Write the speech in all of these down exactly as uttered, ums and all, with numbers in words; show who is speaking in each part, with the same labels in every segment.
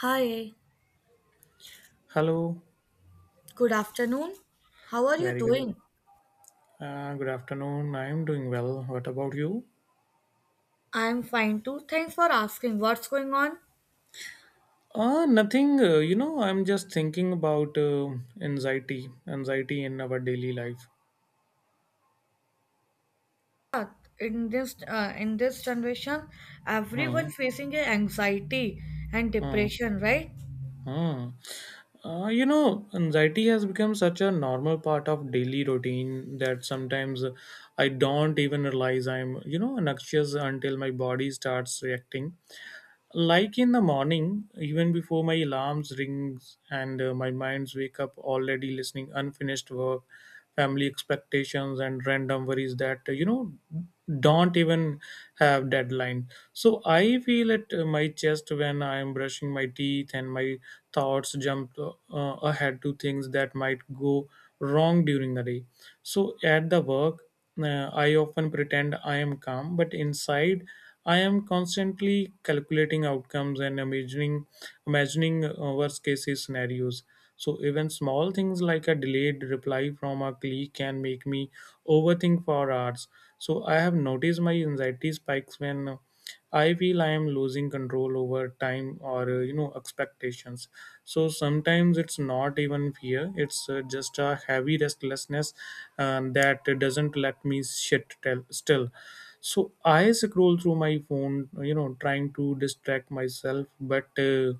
Speaker 1: Hi,
Speaker 2: Hello,
Speaker 1: good afternoon. How are you
Speaker 2: very good. Af-
Speaker 1: doing?
Speaker 2: Uh, good afternoon. I am doing well. What about you?
Speaker 1: I'm fine too. Thanks for asking. What's going on?
Speaker 2: Uh, nothing. Uh, you know, I'm just thinking about uh, anxiety, anxiety in our daily life.
Speaker 1: Uh, In this uh, in this generation,
Speaker 2: Huh.
Speaker 1: everyone facing a anxiety and
Speaker 2: Huh.
Speaker 1: depression, right?
Speaker 2: Huh. Uh, you know, anxiety has become such a normal part of daily routine that sometimes I don't even realize I'm, you know, anxious until my body starts reacting. Like in the morning, even before my alarms rings and uh, my mind's wake up already listening unfinished work, family expectations and random worries that uh, you know don't even have deadline. So I feel at uh, my chest when I am brushing my teeth and my thoughts jump uh, uh, ahead to things that might go wrong during the day. So at the work uh, I often pretend I am calm, but inside I am constantly calculating outcomes and imagining imagining uh, worst case scenarios. So even small things like a delayed reply from a colleague can make me overthink for hours. So I have noticed my anxiety spikes when I feel I am losing control over time or uh, you know expectations. So sometimes it's not even fear; it's uh, just a heavy restlessness um, that doesn't let me sit tell, still. So I scroll through my phone, you know, trying to distract myself, but. Uh,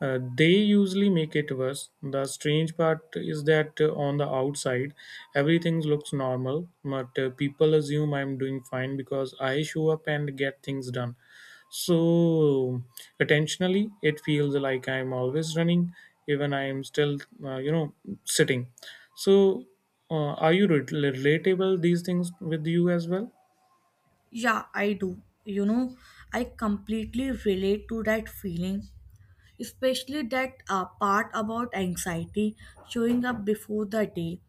Speaker 2: uh, they usually make it worse. The strange part is that uh, on the outside, everything looks normal, but uh, people assume I'm doing fine because I show up and get things done. So attentionally it feels like I'm always running even I'm still uh, you know sitting. So uh, are you re- relatable these things with you as well?
Speaker 1: Yeah, I do. You know, I completely relate to that feeling, especially that uh, part about anxiety showing up before the day.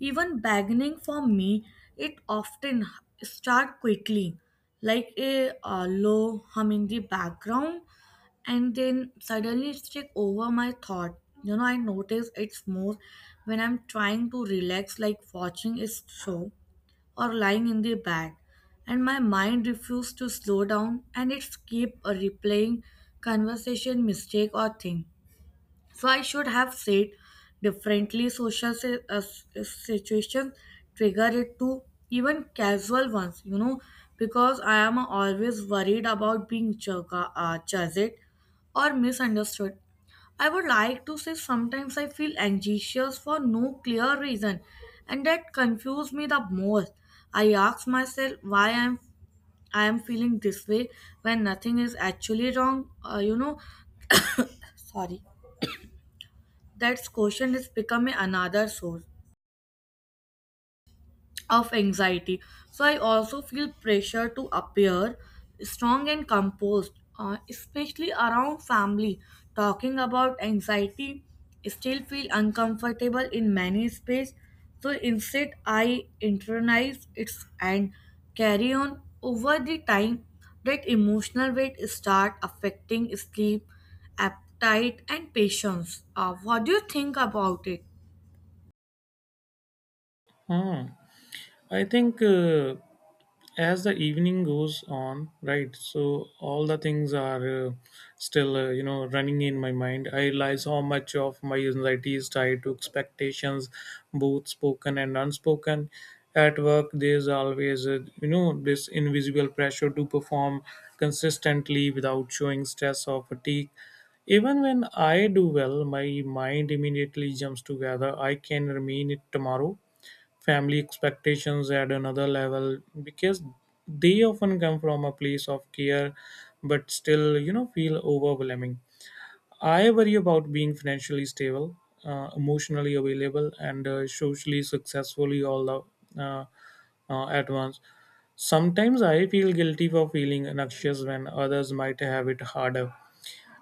Speaker 1: Even beginning for me, it often start quickly, like a uh, low hum in the background, and then suddenly it's take over my thought. You know, I notice it's more when I'm trying to relax, like watching a show or lying in the bed, and my mind refused to slow down, and it kept a replaying conversation mistake or thing so I should have said differently. Social si- uh, s- situations trigger it to even casual ones you know because I am always worried about being jug- uh, judged or misunderstood. I would like to say sometimes I feel anxious for no clear reason, and that confuses me the most. I ask myself why I'm I am feeling this way when nothing is actually wrong. Uh, you know, sorry. That question is becoming another source of anxiety. So I also feel pressure to appear strong and composed, uh, especially around family. Talking about anxiety, still feel uncomfortable in many space. So instead, I internalize it and carry on over the time. That emotional weight start affecting sleep, appetite, and patience. Uh, what do you think about it?
Speaker 2: Ah, I think uh, as the evening goes on, right, so all the things are uh, still uh, you know running in my mind. I realize how much of my anxiety is tied to expectations, both spoken and unspoken. At work there's always uh, you know this invisible pressure to perform consistently without showing stress or fatigue. Even when I do well, my mind immediately jumps together I can remain it tomorrow. Family expectations at another level, because they often come from a place of care but still you know feel overwhelming. I worry about being financially stable, uh, emotionally available and uh, socially successfully all the, uh, uh, at once. Sometimes I feel guilty for feeling anxious when others might have it harder.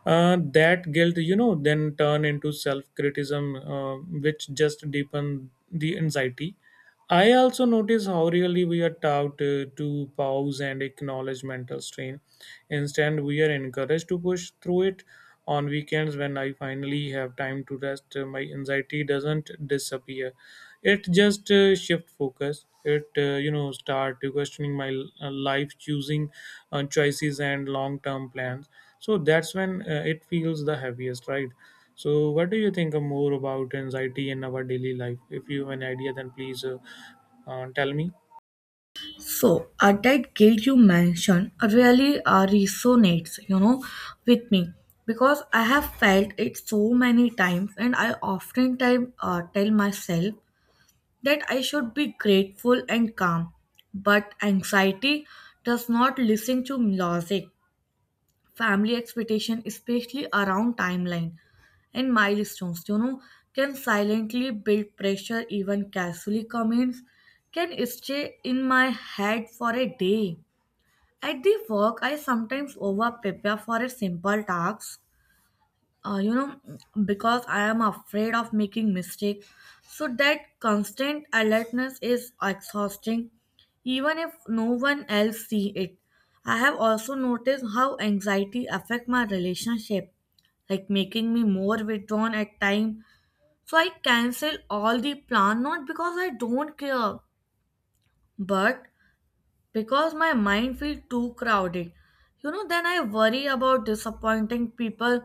Speaker 2: uh, That guilt you know then turn into self-criticism, uh, which just deepen the anxiety. I also notice how really we are taught uh, to pause and acknowledge mental strain. Instead we are encouraged to push through it. On weekends when I finally have time to rest, uh, my anxiety doesn't disappear. It just uh, shift focus. It uh, you know start questioning my uh, life choosing uh, choices and long term plans. So that's when uh, it feels the heaviest, right? So what do you think uh, more about anxiety in our daily life? If you have an idea then please uh, uh, tell me.
Speaker 1: So at that gate you mentioned really uh, resonates, you know, with me, because I have felt it so many times, and I often time uh, tell myself that I should be grateful and calm, but anxiety does not listen to logic. Family expectation, especially around timeline and milestones you know can silently build pressure. Even casually comments can stay in my head for a day. At the work I sometimes over prepare for a simple task, uh, you know because I am afraid of making mistake, so that constant alertness is exhausting even if no one else see it. I have also noticed how anxiety affect my relationship, like making me more withdrawn at time, so I cancel all the plan, not because I don't care, but because my mind feels too crowded. You know, then I worry about disappointing people,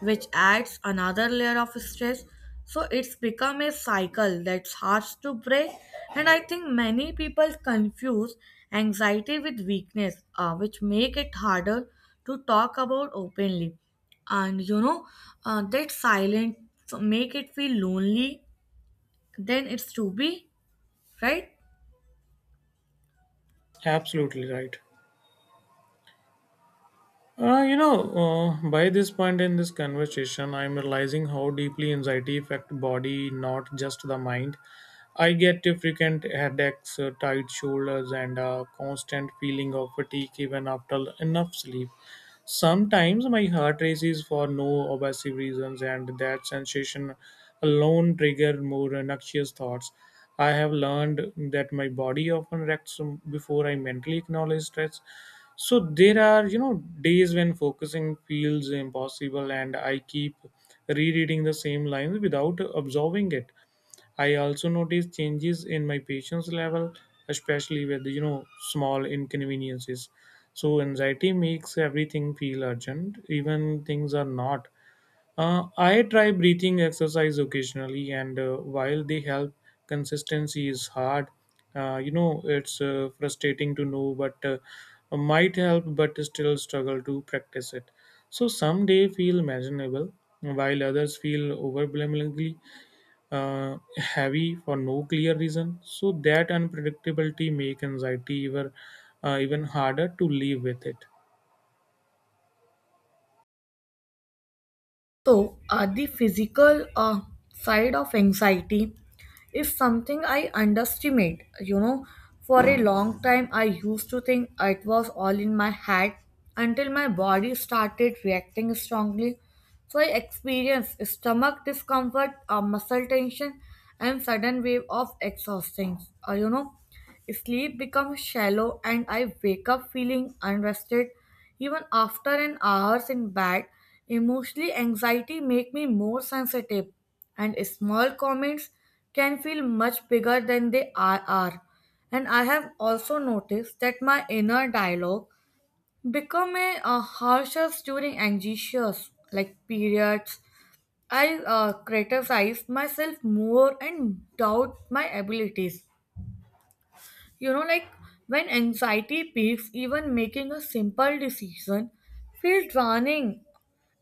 Speaker 1: which adds another layer of stress. So it's become a cycle that's hard to break. And I think many people confuse anxiety with weakness, uh, which make it harder to talk about openly. And you know, uh, that silence make it feel lonely. Then it's to be right.
Speaker 2: Absolutely right. Uh, you know, uh, by this point in this conversation, I'm realizing how deeply anxiety affect body, not just the mind. I get frequent headaches, uh, tight shoulders, and a constant feeling of fatigue even after enough sleep. Sometimes my heart races for no obvious reasons, and that sensation alone triggers more noxious thoughts. I have learned that my body often reacts before I mentally acknowledge stress. So there are, you know, days when focusing feels impossible, and I keep rereading the same lines without absorbing it. I also notice changes in my patience level, especially with you know small inconveniences. So anxiety makes everything feel urgent, even things are not. Uh, I try breathing exercise occasionally, and uh, while they help, consistency is hard. Uh, you know, it's uh, frustrating to know, but uh, might help, but still struggle to practice it. So some day feel imaginable, while others feel overwhelmingly uh, heavy for no clear reason. So that unpredictability make anxiety even uh, even harder to live with it.
Speaker 1: So, uh, the physical uh, side of anxiety is something I underestimate. You know, for a long time, I used to think it was all in my head until my body started reacting strongly. So, I experienced stomach discomfort, uh, muscle tension, and sudden wave of exhaustion. Uh, you know, Sleep becomes shallow, and I wake up feeling unrested even after an hours in bed. Emotionally, anxiety make me more sensitive, and small comments can feel much bigger than they are. are. And I have also noticed that my inner dialogue become a, uh, harsher during anxious like periods. I uh, criticize myself more and doubt my abilities you know, like when anxiety peaks, even making a simple decision feels drowning.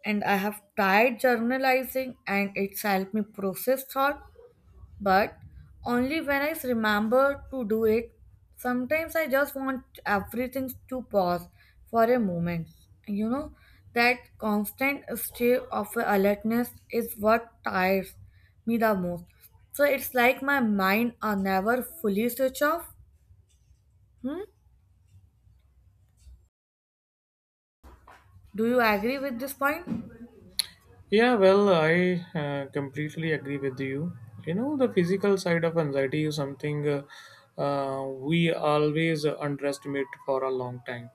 Speaker 1: And I have tried journalizing, and it's helped me process thought, but only when I remember to do it. Sometimes I just want everything to pause for a moment. You know, that constant state of alertness is what tires me the most. So it's like my mind are never fully switched off. Hmm. Do you agree with this point?
Speaker 2: Yeah, well, I uh, completely agree with you. You know, the physical side of anxiety is something uh, uh, we always underestimate for a long time.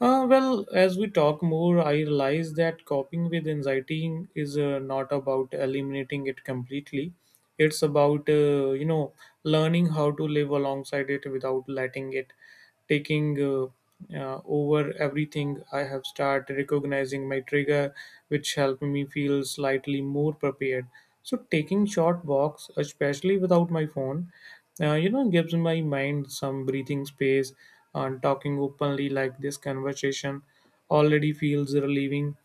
Speaker 2: Uh, well, as we talk more, I realize that coping with anxiety is uh, not about eliminating it completely. It's about, uh, you know, learning how to live alongside it without letting it taking uh, uh, over everything. I have started recognizing my trigger, which helped me feel slightly more prepared. So taking short walks, especially without my phone, uh, you know gives my mind some breathing space, and talking openly like this conversation already feels relieving.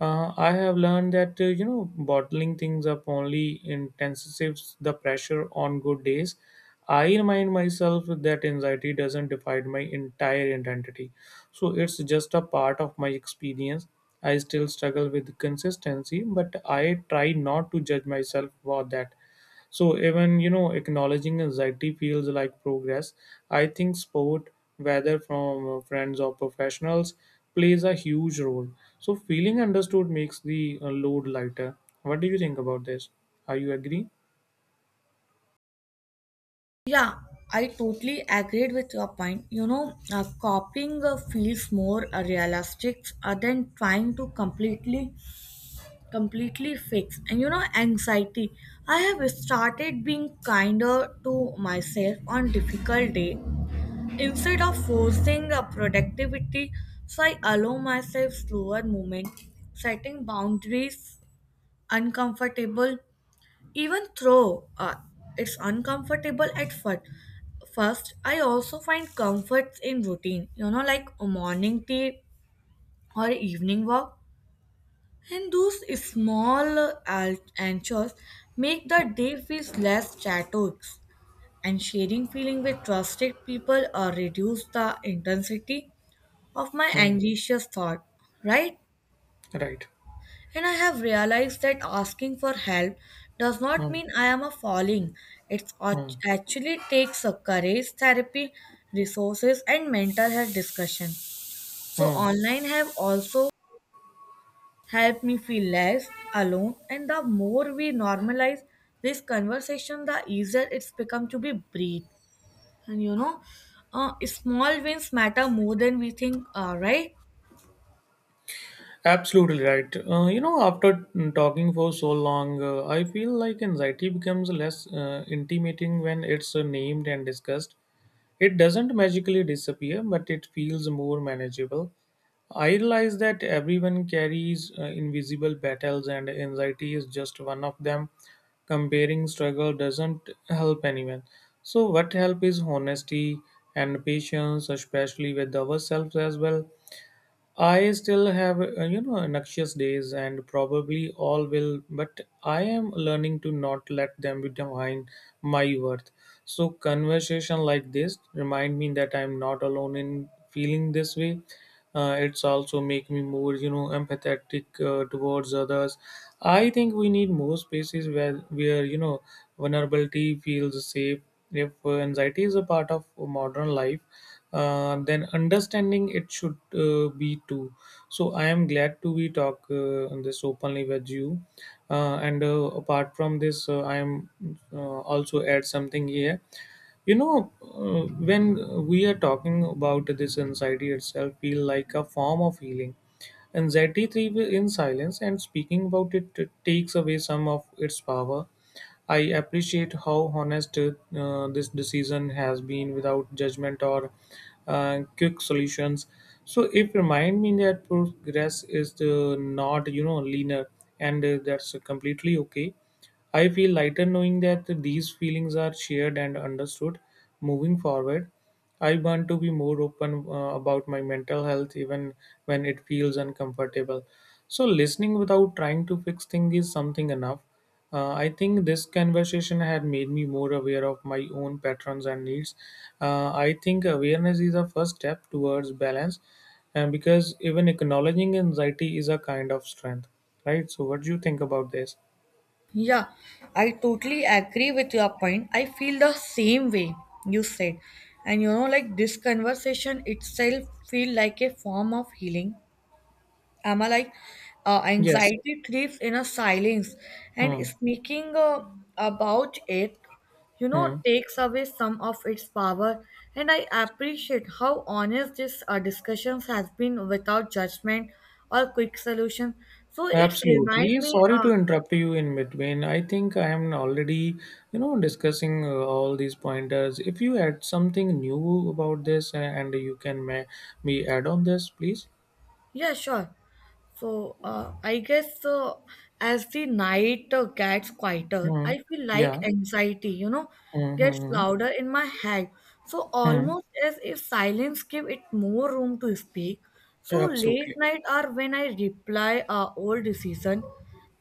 Speaker 2: uh, I have learned that uh, you know bottling things up only intensifies the pressure. On good days I remind myself that anxiety doesn't define my entire identity. So it's just a part of my experience. I still struggle with consistency but I try not to judge myself for that. So even you know acknowledging anxiety feels like progress. I think sport, whether from friends or professionals, plays a huge role. So feeling understood makes the uh, load lighter. What do you think about this? Are you agree?
Speaker 1: Yeah, I totally agreed with your point. You know, uh, copying uh, feels more uh, realistic uh, than trying to completely, completely fix. And you know, anxiety. I have started being kinder to myself on difficult day instead of forcing uh, productivity. So I allow myself slower movement, setting boundaries uncomfortable. Even though uh, it's uncomfortable at first, first, I also find comfort in routine, you know, like a morning tea or evening walk. And those small uh, anchors make the
Speaker 2: Mm,
Speaker 1: day feel less chaotic. And sharing feeling with trusted people uh, reduce the intensity of my
Speaker 2: mm,
Speaker 1: anxious thought, right?
Speaker 2: right.
Speaker 1: And I have realized that asking for help does not
Speaker 2: Hmm.
Speaker 1: mean I am a falling. It
Speaker 2: Hmm.
Speaker 1: actually takes a courage, therapy, resources, and mental health discussion. So,
Speaker 2: Mm.
Speaker 1: online have also helped me feel less alone. And the more we normalize this conversation, the easier it's become to be breathed. And you know, uh, small wins matter more than we think, uh, right?
Speaker 2: Absolutely right. Uh, you know, after talking for so long, uh, I feel like anxiety becomes less uh, intimating when it's uh, named and discussed. It doesn't magically disappear, but it feels more manageable. I realize that everyone carries uh, invisible battles, and anxiety is just one of them. Comparing struggle doesn't help anyone. So, what help is honesty and patience, especially with ourselves as well. I still have, uh, you know, noxious days and probably all will, but I am learning to not let them define my worth. So, conversation like this remind me that I'm not alone in feeling this way. Uh, it's also make me more, you know, empathetic uh, towards others. I think we need more spaces where, where you know, vulnerability feels safe. If uh, anxiety is a part of modern life, uh, then understanding it should uh, be too. So I am glad to be talk uh, on this openly with you. Uh, and uh, apart from this, uh, I am uh, also add something here. You know uh, when we are talking about this, anxiety itself feel like a form of healing. Anxiety thrives in silence and speaking about it takes away some of its power. I appreciate how honest uh, this decision has been without judgment or uh, quick solutions. So it remind me that progress is uh, not you know linear, and uh, that's completely okay. I feel lighter knowing that these feelings are shared and understood. Moving forward, I want to be more open uh, about my mental health even when it feels uncomfortable. So, listening without trying to fix things is something enough. Uh, I think this conversation had made me more aware of my own patterns and needs. Uh, I think awareness is a first step towards balance, and because even acknowledging anxiety is a kind of strength, right? So, what do you think about this?
Speaker 1: Yeah, I totally agree with your point. I feel the same way you said. And you know, like, this conversation itself feel like a form of healing. Am I like uh,
Speaker 2: Yes.
Speaker 1: anxiety creeps in a silence, and
Speaker 2: Hmm.
Speaker 1: speaking uh, about it, you know,
Speaker 2: Hmm.
Speaker 1: takes away some of its power. And I appreciate how honest this uh, discussions has been without judgment or quick solution. So it's remind
Speaker 2: Absolutely.
Speaker 1: me
Speaker 2: Sorry
Speaker 1: uh,
Speaker 2: to interrupt you in between. I think I am already, you know, discussing uh, all these pointers. If you add something new about this, uh, and you can ma- me add on this, please.
Speaker 1: Yeah, sure. So, uh, I guess uh, as the night uh, gets quieter,
Speaker 2: Hmm.
Speaker 1: I feel like
Speaker 2: Yeah.
Speaker 1: anxiety, you know,
Speaker 2: Hmm, hmm,
Speaker 1: gets
Speaker 2: hmm.
Speaker 1: louder in my head. So,
Speaker 2: Hmm.
Speaker 1: almost as if silence give it more room to speak. So, late
Speaker 2: Absolutely.
Speaker 1: night are when I reply uh, old decision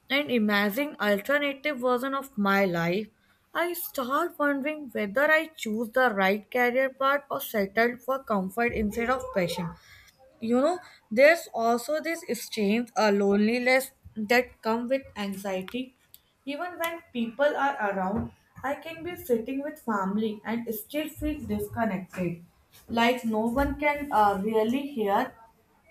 Speaker 1: and imagine alternative version of my life. I start wondering whether I choose the right career path or settled for comfort instead of passion you know there's also this strange uh, loneliness that come with anxiety, even when people are around. I can be sitting with family and still feel disconnected, like no one can uh, really hear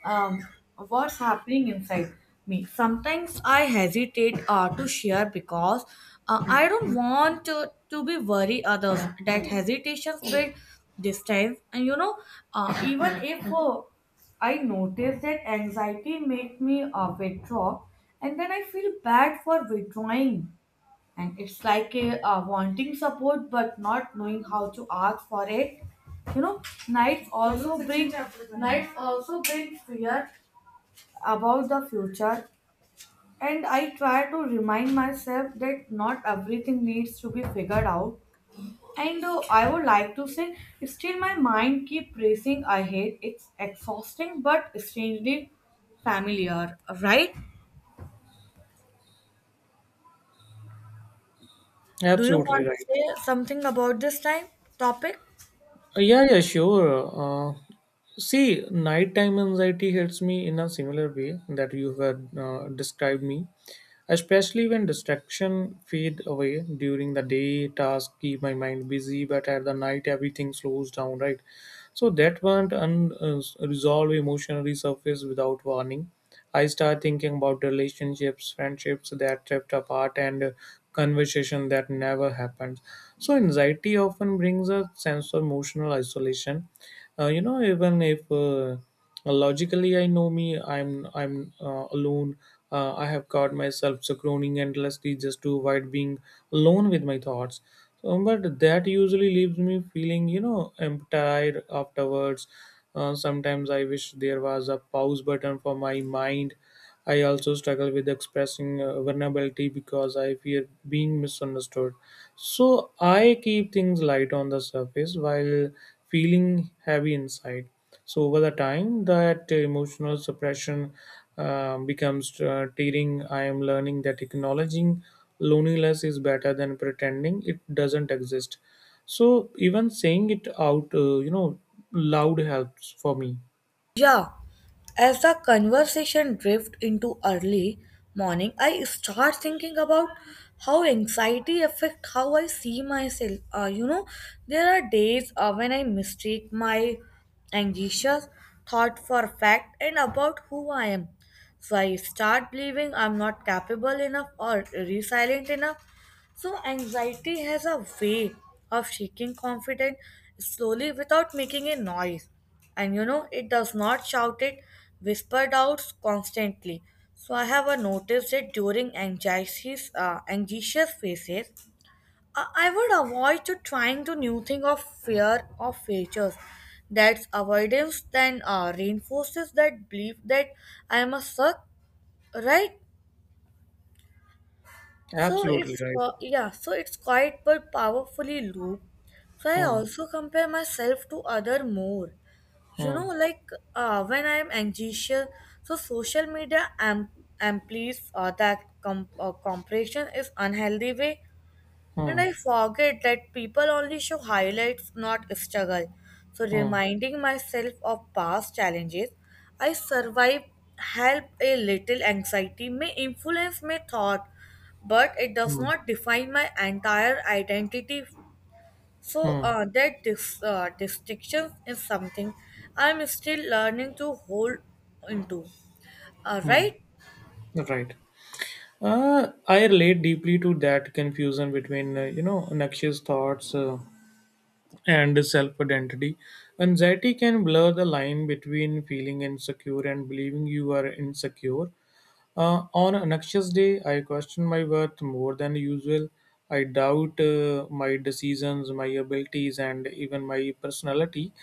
Speaker 1: um, what's happening inside me. Sometimes I hesitate uh, to share because uh, I don't want to, to be worry others. That hesitations build distance, and you know, uh, even if uh, I notice that anxiety makes me uh, withdraw, and then I feel bad for withdrawing, and it's like a uh, wanting support but not knowing how to ask for it you know nights also bring nights also bring fear about the future, and I try to remind myself that not everything needs to be figured out. And uh, I would like to say still my mind keep racing ahead. It's exhausting but strangely familiar, right? Do you
Speaker 2: Absolutely
Speaker 1: want to
Speaker 2: right.
Speaker 1: say something about this time topic?
Speaker 2: Uh, Yeah, yeah, sure. Uh, See, nighttime anxiety hits me in a similar way that you had uh, described me, especially when distraction fade away during the day. Tasks keep my mind busy, but at the night everything slows down. Right, so that one unresolved emotion resurfaced without warning. I start thinking about relationships, friendships that drift apart, and uh, conversation that never happened. So anxiety often brings a sense of emotional isolation. Uh, you know even if uh, logically I know me, i'm i'm uh, alone. uh, I have caught myself scrolling endlessly just to avoid being alone with my thoughts. Um, but that usually leaves me feeling you know emptied afterwards. Uh, sometimes I wish there was a pause button for my mind. I also struggle with expressing uh, vulnerability because I fear being misunderstood. So I keep things light on the surface while feeling heavy inside. So over the time, that emotional suppression um, becomes uh, tearing. I am learning that acknowledging loneliness is better than pretending it doesn't exist. So even saying it out, uh, you know, loud helps for me.
Speaker 1: Yeah, as the conversation drift into early morning, I start thinking about how anxiety affect how I see myself. Uh, you know, there are days uh, when I mistake my anxious thought for fact and about who I am. So I start believing I'm not capable enough or resilient enough. So anxiety has a way of shaking confidence slowly without making a noise, and you know it does not shout, it whispered out constantly. So I have uh, noticed it during anxious uh, anxious phases. I-, I would avoid to trying to new thing of fear of features. That's avoidance then uh, reinforces that belief that I must suck, right? So
Speaker 2: Absolutely
Speaker 1: it's
Speaker 2: right.
Speaker 1: qu- yeah, so it's quite but powerfully loop. So I
Speaker 2: Hmm.
Speaker 1: also compare myself to other more. You
Speaker 2: Hmm.
Speaker 1: know, like uh, when I am anxious, so social media am amplifies uh, that com- uh, compression is unhealthy way, and
Speaker 2: Hmm.
Speaker 1: I forget that people only show highlights, not struggle. So
Speaker 2: Hmm.
Speaker 1: reminding myself of past challenges, I survived help a little. Anxiety may influence my thought, but it does
Speaker 2: Hmm.
Speaker 1: not define my entire identity. So
Speaker 2: Hmm.
Speaker 1: uh, that dis- uh, distinction is something I'm still learning to hold into. Uh,
Speaker 2: Hmm.
Speaker 1: right,
Speaker 2: Right. Uh, I relate deeply to that confusion between, uh, you know, noxious thoughts uh, and self identity. Anxiety can blur the line between feeling insecure and believing you are insecure. Uh, on an anxious day, I question my worth more than usual. I doubt uh, my decisions, my abilities, and even my personality.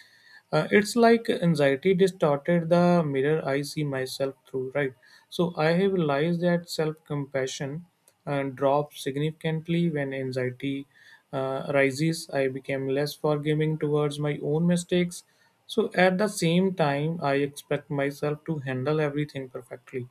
Speaker 2: Uh, it's like anxiety distorted the mirror I see myself through, right? So I have realized that self compassion uh, drops significantly when anxiety uh, rises. I became less forgiving towards my own mistakes. So at the same time, I expect myself to handle everything perfectly.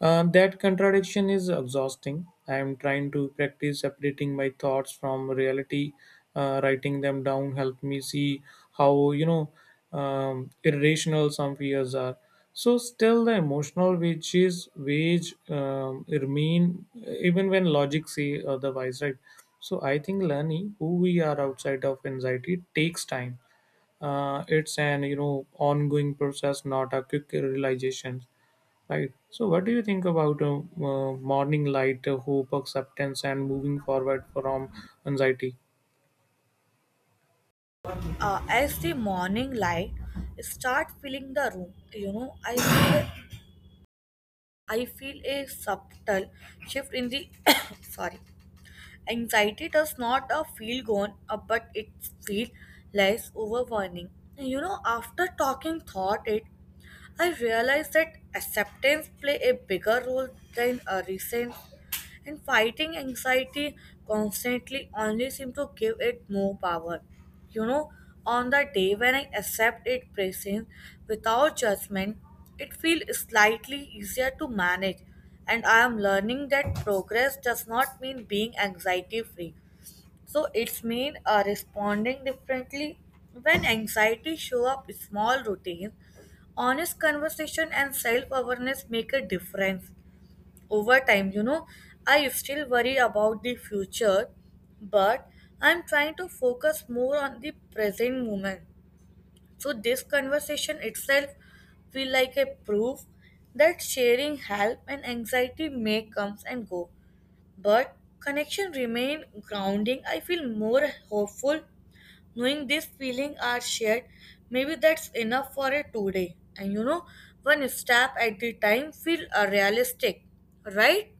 Speaker 2: Um, that contradiction is exhausting. I am trying to practice separating my thoughts from reality. Uh, writing them down help me see how you know um, irrational some fears are. So still, the emotional wages wage um, remain even when logic say otherwise, right? So I think learning who we are outside of anxiety takes time. Uh, it's an you know ongoing process, not a quick realization. Right. So, what do you think about uh, uh, morning light, uh, hope, acceptance, and moving forward from anxiety?
Speaker 1: uh, as the morning light start filling the room, you know, I feel I feel a subtle shift in the sorry. Anxiety does not uh, feel gone, uh, but it feels less overwhelming. You know, after talking thought it, I realized that acceptance play a bigger role than a recent, and fighting anxiety constantly only seems to give it more power. You know, on the day when I accept its presence without judgment, it feels slightly easier to manage. And I am learning that progress does not mean being anxiety free. So it's mean uh, responding differently when anxiety show up. Small routines, honest conversation, and self-awareness make a difference over time you know I still worry about the future, but I'm trying to focus more on the present moment. So this conversation itself feel like a proof that sharing help, and anxiety may comes and go, but connection remain grounding. I feel more hopeful knowing this feeling are shared. Maybe that's enough for a today, and you know one step at a time feel uh, realistic, right?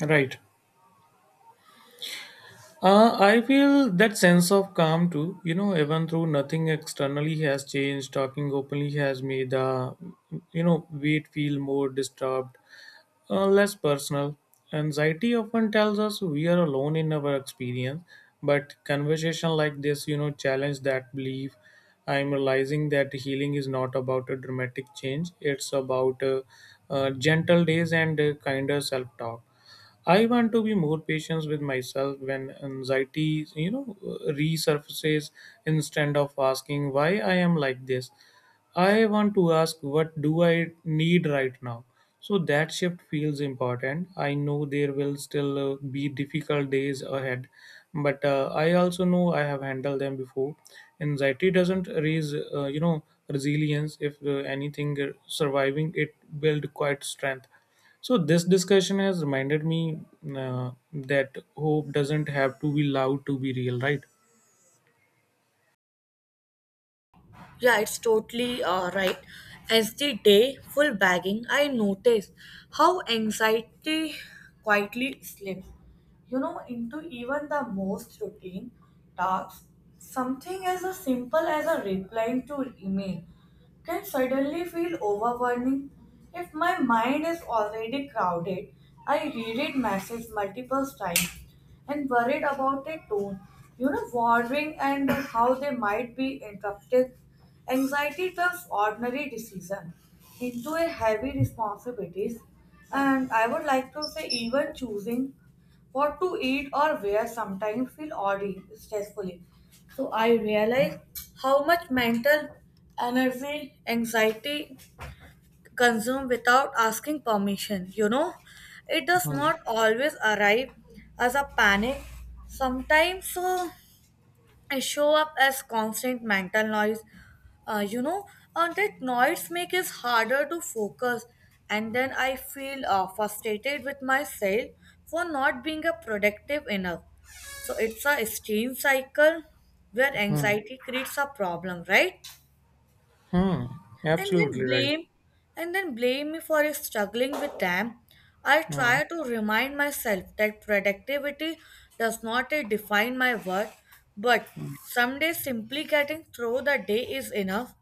Speaker 2: Right. Uh, I feel that sense of calm too. You know, even though nothing externally has changed, talking openly has made the, you know, weight feel more disturbed. Uh, less personal. Anxiety often tells us we are alone in our experience, but conversation like this, you know, challenge that belief. I'm realizing that healing is not about a dramatic change; it's about uh, uh, gentle days and uh, kinder self-talk. I want to be more patient with myself when anxiety, you know, resurfaces instead of asking why I am like this. I want to ask what do I need right now. So that shift feels important. I know there will still uh, be difficult days ahead, but uh, I also know I have handled them before. Anxiety doesn't raise, uh, you know, resilience. If uh, anything, uh, surviving it build quite strength. So this discussion has reminded me uh, that hope doesn't have to be loud to be real, right?
Speaker 1: Yeah, it's totally uh, right. As the day full bagging, I noticed how anxiety quietly slipped you know, into even the most routine tasks. Something as a simple as a replying to email can suddenly feel overwhelming. If my mind is already crowded, I reread message multiple times and worried about their tone, you know, wondering and how they might be interrupted. Anxiety turns ordinary decision into a heavy responsibilities, and I would like to say even choosing what to eat or wear sometimes feel oddly stressfully. So I realize how much mental energy, anxiety consume without asking permission. You know, it does
Speaker 2: Hmm.
Speaker 1: not always arrive as a panic. Sometimes so it show up as constant mental noise. Uh, you know, and that noise make it harder to focus. And then I feel uh, frustrated with myself for not being a productive enough, so it's a shame cycle where
Speaker 2: Hmm.
Speaker 1: anxiety creates a problem, right?
Speaker 2: Hmm.
Speaker 1: And
Speaker 2: Absolutely
Speaker 1: then
Speaker 2: right.
Speaker 1: blame and then blame me for struggling with them. I
Speaker 2: Hmm.
Speaker 1: try to remind myself that productivity does not eh, define my worth, but
Speaker 2: Hmm.
Speaker 1: someday simply getting through the day is enough.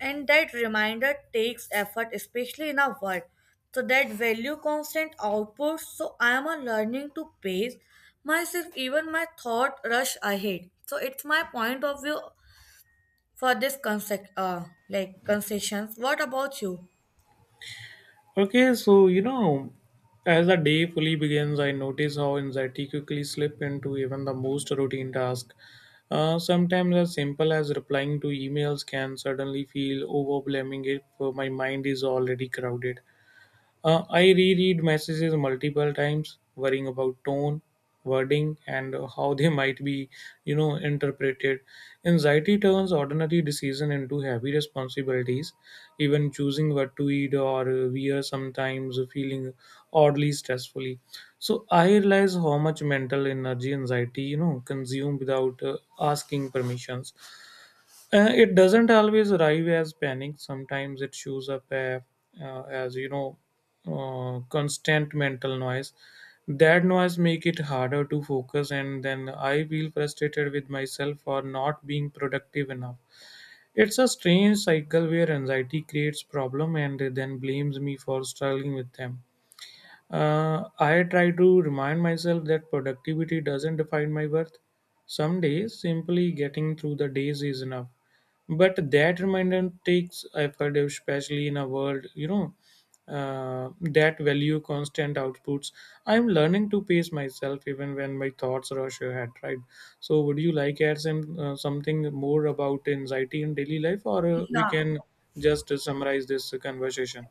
Speaker 1: And that reminder takes effort, especially in a world. So that value constant output. So I am a learning to pace myself, even my thought rush ahead. So it's my point of view for this concept, uh, like concessions. What about you?
Speaker 2: Okay, so you know, as the day fully begins, I notice how anxiety quickly slip into even the most routine task. Uh, sometimes as simple as replying to emails can suddenly feel overwhelming if uh, my mind is already crowded. Uh, I reread messages multiple times, worrying about tone, wording, and how they might be, you know, interpreted. Anxiety turns ordinary decision into heavy responsibilities. Even choosing what to eat or wear sometimes feeling oddly stressfully. So I realize how much mental energy anxiety, you know, consume without uh, asking permissions. Uh, it doesn't always arrive as panic. Sometimes it shows up uh, uh, as you know uh, constant mental noise. That noise make it harder to focus, and then I feel frustrated with myself for not being productive enough. It's a strange cycle where anxiety creates problem and then blames me for struggling with them. Uh, I try to remind myself that productivity doesn't define my worth. Some days, simply getting through the days is enough. But that reminder takes effort, especially in a world, you know, uh, that value constant outputs. I'm learning to pace myself even when my thoughts rush ahead, right? So, would you like add some uh, something more about anxiety in daily life, or uh, we
Speaker 1: Yeah.
Speaker 2: can just summarize this conversation?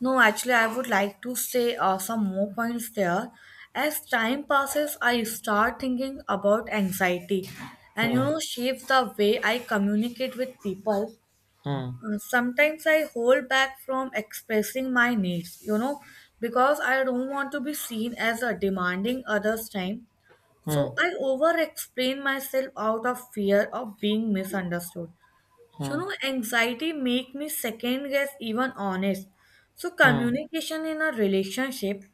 Speaker 1: No, actually, I would like to say uh, some more points there. As time passes, I start thinking about anxiety, and you
Speaker 2: Hmm.
Speaker 1: know, shapes the way I communicate with people.
Speaker 2: Hmm.
Speaker 1: Uh, sometimes I hold back from expressing my needs, you know, because I don't want to be seen as a demanding others' time.
Speaker 2: Hmm.
Speaker 1: So I over explain myself out of fear of being misunderstood. You
Speaker 2: Hmm.
Speaker 1: know, anxiety make me second guess even honest. So
Speaker 2: Mm,
Speaker 1: communication in a relationship,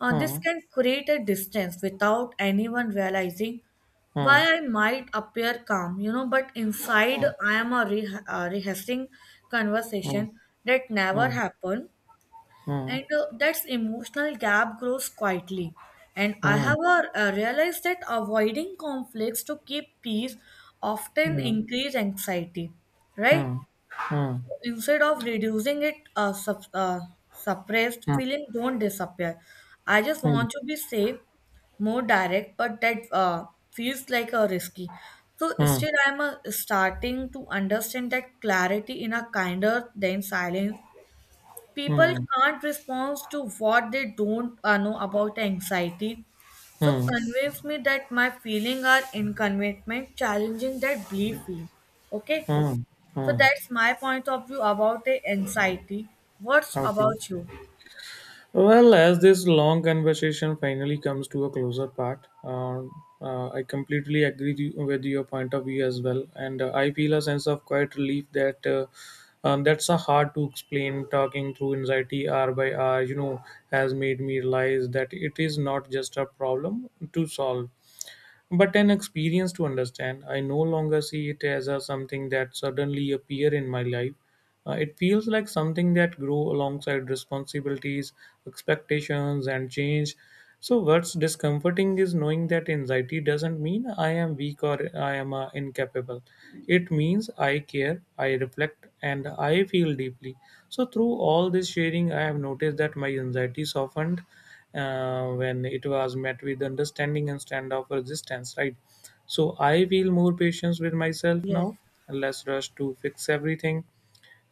Speaker 1: uh, this
Speaker 2: mm,
Speaker 1: can create a distance without anyone realizing
Speaker 2: mm,
Speaker 1: why I might appear calm, you know, but inside
Speaker 2: mm,
Speaker 1: I am a re- uh, rehearsing
Speaker 2: mm,
Speaker 1: conversation that never
Speaker 2: mm,
Speaker 1: happened,
Speaker 2: mm,
Speaker 1: and uh, that's emotional gap grows quietly. And I
Speaker 2: mm,
Speaker 1: have uh, uh, realized that avoiding conflicts to keep peace often
Speaker 2: mm,
Speaker 1: increase anxiety, right?
Speaker 2: mm, mm,
Speaker 1: Instead of reducing it uh, sup uh, suppressed
Speaker 2: mm,
Speaker 1: feeling don't disappear. I just
Speaker 2: mm,
Speaker 1: want to be safe more direct, but that uh, feels like a risky. So instead I'm uh, starting to understand that clarity in a kinder than silence. People
Speaker 2: mm,
Speaker 1: can't respond to what they don't uh, know about anxiety, so
Speaker 2: mm,
Speaker 1: convince me that my feeling are inconvenient challenging that belief, okay.
Speaker 2: mm,
Speaker 1: So
Speaker 2: mm.
Speaker 1: that's my point of view about the anxiety. What's
Speaker 2: Okay.
Speaker 1: about you?
Speaker 2: Well, as this long conversation finally comes to a closer part, uh, uh, I completely agree with you- with your point of view as well, and uh, I feel a sense of quiet relief that uh, um, that's a hard to explain. Talking through anxiety hour by hour, you know, has made me realize that it is not just a problem to solve, but an experience to understand. I no longer see it as a something that suddenly appear in my life uh, It feels like something that grew alongside responsibilities, expectations, and change. So, what's discomforting is knowing that anxiety doesn't mean I am weak or I am uh, incapable. It means I care, I reflect, and I feel deeply. So, through all this sharing, I have noticed that my anxiety softened uh, when it was met with understanding instead of resistance, right? So I feel more patience with myself
Speaker 1: Yes.
Speaker 2: now, less rush to fix everything,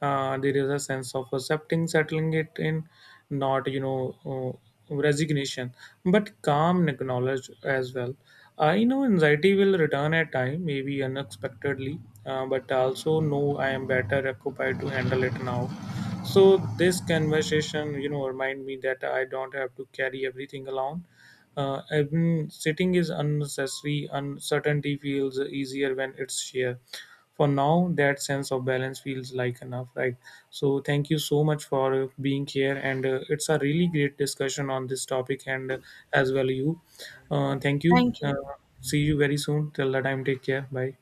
Speaker 2: uh, there is a sense of accepting settling it in, not you know uh, resignation, but calm and knowledge as well. I know anxiety will return at time, maybe unexpectedly, uh, but I also know I am better occupied to handle it now. So this conversation, you know, remind me that I don't have to carry everything alone. Uh, even sitting is unnecessary. Uncertainty feels easier when it's shared. For now, that sense of balance feels like enough, right? So, thank you so much for uh, being here, and uh, it's a really great discussion on this topic, and uh, as well you. Uh, thank you.
Speaker 1: Thank you.
Speaker 2: Uh, see you very soon. Till the time, take care. Bye.